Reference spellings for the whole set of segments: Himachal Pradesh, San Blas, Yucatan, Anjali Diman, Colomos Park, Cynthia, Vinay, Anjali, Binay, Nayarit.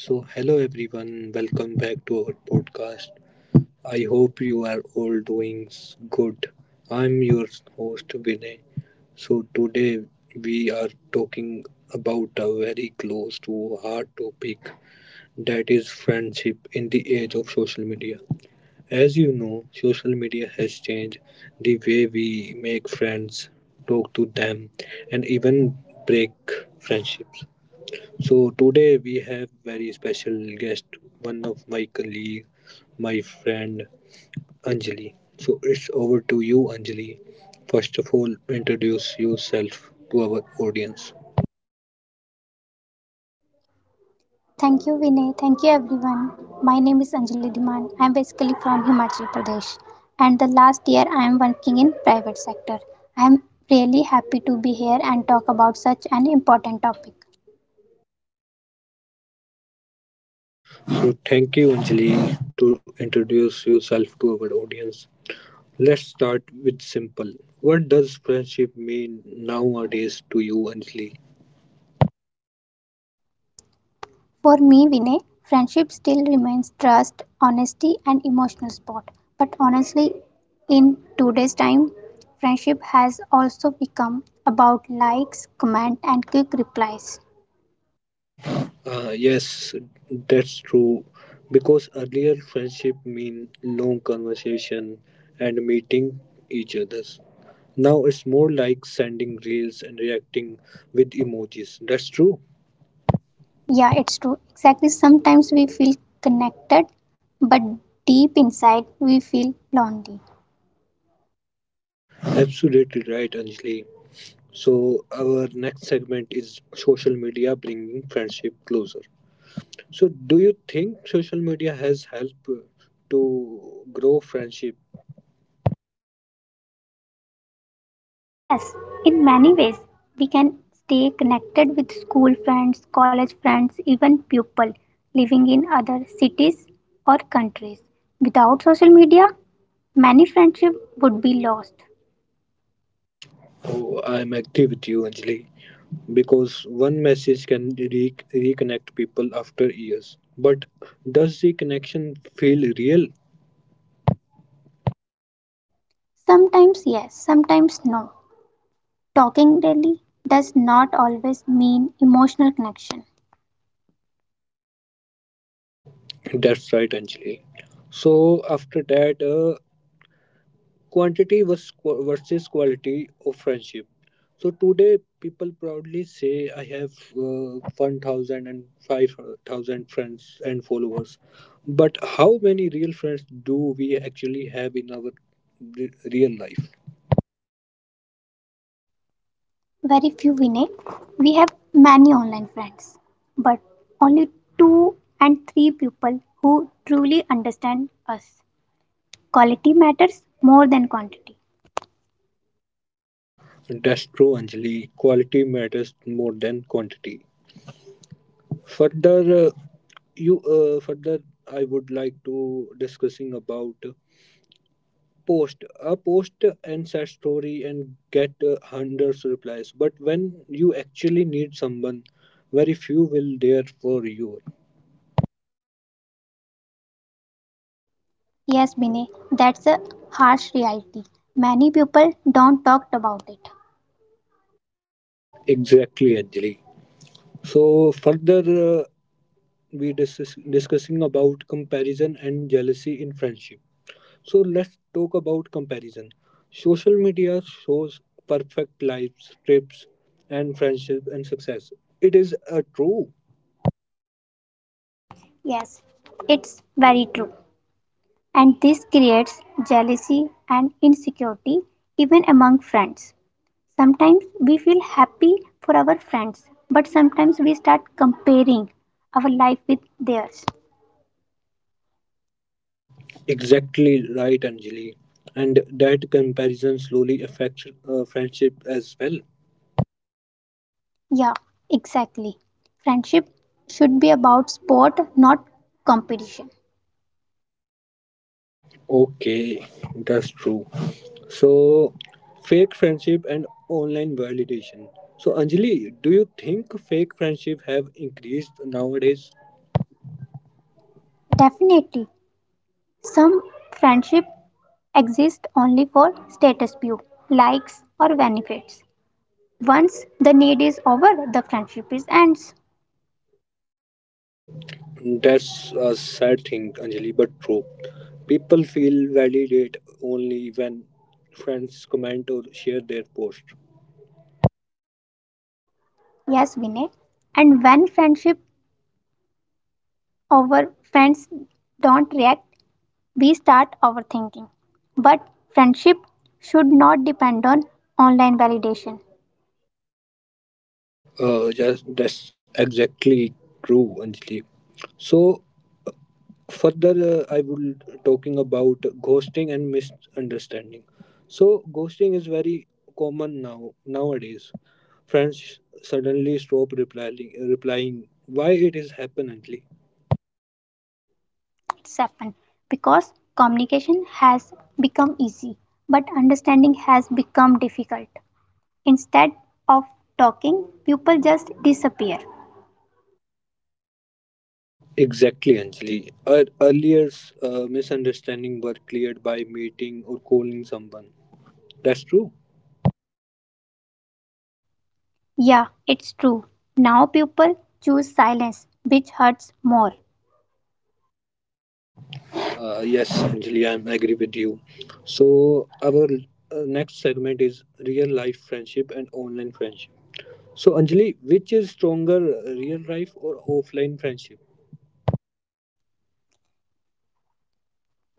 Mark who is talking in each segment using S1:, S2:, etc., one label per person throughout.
S1: So, hello everyone, welcome back to our podcast. I hope you are all doing good. I'm your host Vinay. So, today we are talking about a very close to heart topic, that is friendship in the age of social media. As you know, social media has changed the way we make friends, talk to them, and even break friendships. So today we have very special guest, one of my colleague, my friend Anjali. So it's over to you, Anjali. First of all, introduce yourself to our audience.
S2: Thank you, Vinay. Thank you, everyone. My name is Anjali Diman. I am basically from Himachal Pradesh, and the last year I am working in private sector. I am really happy to be here and talk about such an important topic.
S1: So thank you, Anjali, to introduce yourself to our audience. Let's start with simple. What does friendship mean nowadays to you, Anjali?
S2: For me, Vinay, friendship still remains trust, honesty, and emotional support. But honestly, in today's time, friendship has also become about likes, comment, and quick replies.
S1: Yes, that's true. Because earlier friendship mean long conversation and meeting each others. Now it's more like sending reels and reacting with emojis. That's true.
S2: Yeah, it's true. Exactly. Sometimes we feel connected, but deep inside we feel lonely.
S1: Absolutely right, Anjali. So our next segment is social media bringing friendship closer. So do you think social media has helped to grow friendship?
S2: Yes, in many ways, we can stay connected with school friends, college friends, even people living in other cities or countries. Without social media, many friendships would be lost.
S1: Oh, I'm agree with you, Anjali, because one message can reconnect people after years. But does the connection feel real?
S2: Sometimes yes, sometimes no. Talking daily does not always mean emotional connection.
S1: That's right, Anjali. So after that, quantity was versus quality of friendship. So today, people proudly say, "I have one thousand and five thousand friends and followers," but how many real friends do we actually have in our re- real life?
S2: Very few we know. We have many online friends, but only two and three people who truly understand us. Quality matters more than quantity.
S1: That's true, Anjali. Quality matters more than quantity. Further, you further, I would like to discussing about post. A post and sad story and get hundreds replies, but when you actually need someone, very few will there for you.
S2: Yes, Binay, that's a harsh reality. Many people don't talk about it.
S1: Exactly, Anjali. So further, uh, we discussing about comparison and jealousy in friendship. So let's talk about comparison. Social media shows perfect lives, trips, and friendship and success. It is a true.
S2: Yes, it's very true. And this creates jealousy and insecurity even among friends. Sometimes we feel happy for our friends, but sometimes we start comparing our life with theirs.
S1: Exactly right, Anjali. And that comparison slowly affects friendship as well.
S2: Yeah, exactly. Friendship should be about sport, not competition.
S1: Okay, that's true. So, fake friendship and online validation. So, Anjali, do you think fake friendship have increased nowadays?
S2: Definitely, some friendship exist only for status view, likes or benefits. Once the need is over, the friendship is ends.
S1: That's a sad thing, Anjali, but true. People feel validated only when friends comment or share their post.
S2: Yes, Vinay. And when friendship over, friends don't react we start overthinking. But friendship should not depend on online validation.
S1: Just that's exactly true, Anjali. So further, I will talking about ghosting and misunderstanding. So ghosting is very common now nowadays. Friends suddenly stop replying, why it is happening?
S2: It's happened because communication has become easy, but understanding has become difficult. Instead of talking, people just disappear.
S1: Exactly, Anjali. Our earlier misunderstanding were cleared by meeting or calling someone. That's true.
S2: Yeah, it's true. Now people choose silence, which hurts more.
S1: Yes, Anjali, I agree with you. So our next segment is real life friendship and online friendship. So Anjali, which is stronger, real life or offline friendship?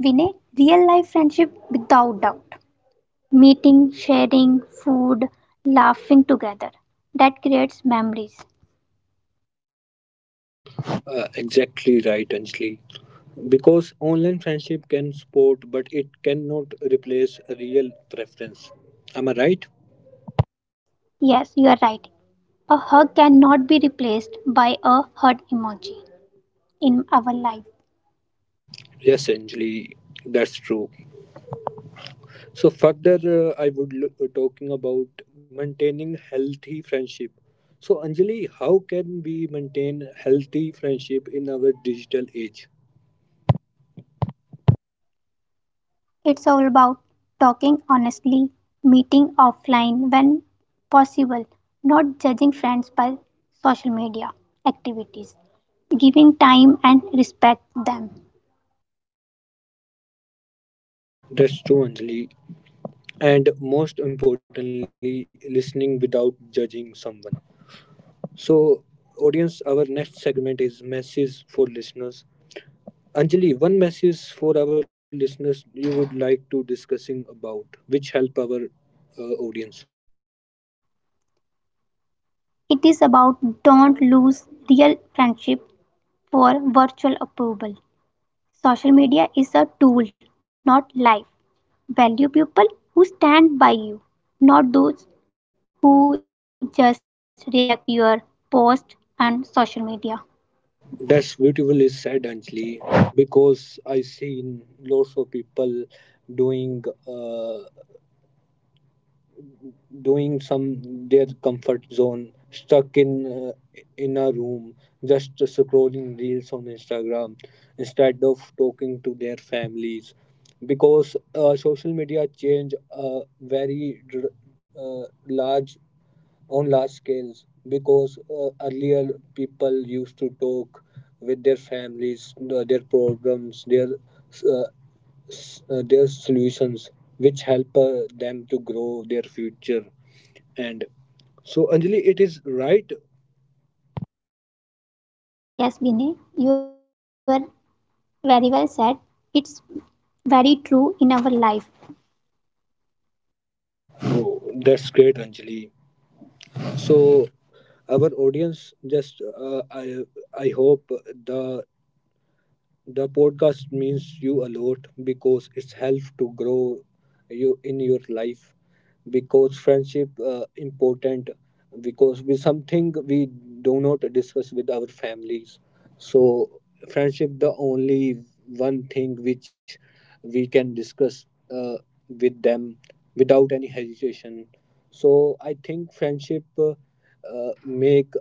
S2: Win a real life friendship without doubt. Meeting, sharing, food, laughing together. That creates memories.
S1: Exactly right, Anjali. Because online friendship can support, but it cannot replace real preference. Am I right?
S2: Yes, you are right. A hug cannot be replaced by a heart emoji in our life.
S1: Yes, Anjali, that's true. So further, I would look, talking about maintaining healthy friendship. So Anjali, how can we maintain healthy friendship in our digital age?
S2: It's all about talking honestly, meeting offline when possible, not judging friends by social media activities, giving time and respect them.
S1: That's true, Anjali. And most importantly, listening without judging someone. So, audience, our next segment is messages for listeners. Anjali, one message for our listeners you would like to discussing about, which help our audience.
S2: It is about don't lose real friendship for virtual approval. Social media is a tool, not life. Value people who stand by you, not those who just react to your post on social media.
S1: That's beautiful, is said, Anjali, because I seen lots of people doing uh, doing some their comfort zone, stuck in a room, just scrolling reels on Instagram instead of talking to their families, because social media change a very large on large scales because earlier people used to talk with their families their problems their their solutions which help them to grow their future and so, Anjali, it is right.
S2: Yes, Vinay, you are very well said. It's very true in our life.
S1: Oh, that's great, Anjali. So our audience, just I hope the The podcast means you a lot, because it's helped to grow you in your life, because friendship important, because we something we do not discuss with our families. So friendship the only one thing which we can discuss uh, with them without any hesitation. So I think friendship make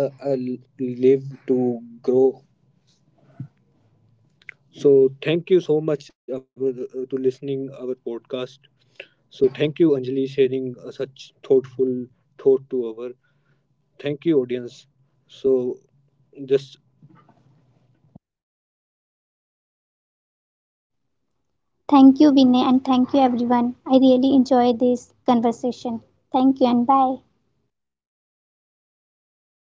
S1: uh, uh, live to grow. So thank you so much our, to listening our podcast. So thank you Anjali sharing such thoughtful thought to our. Thank you audience. So just
S2: Thank you, Vinay, and thank you, everyone. I really enjoyed this conversation. Thank you, and bye.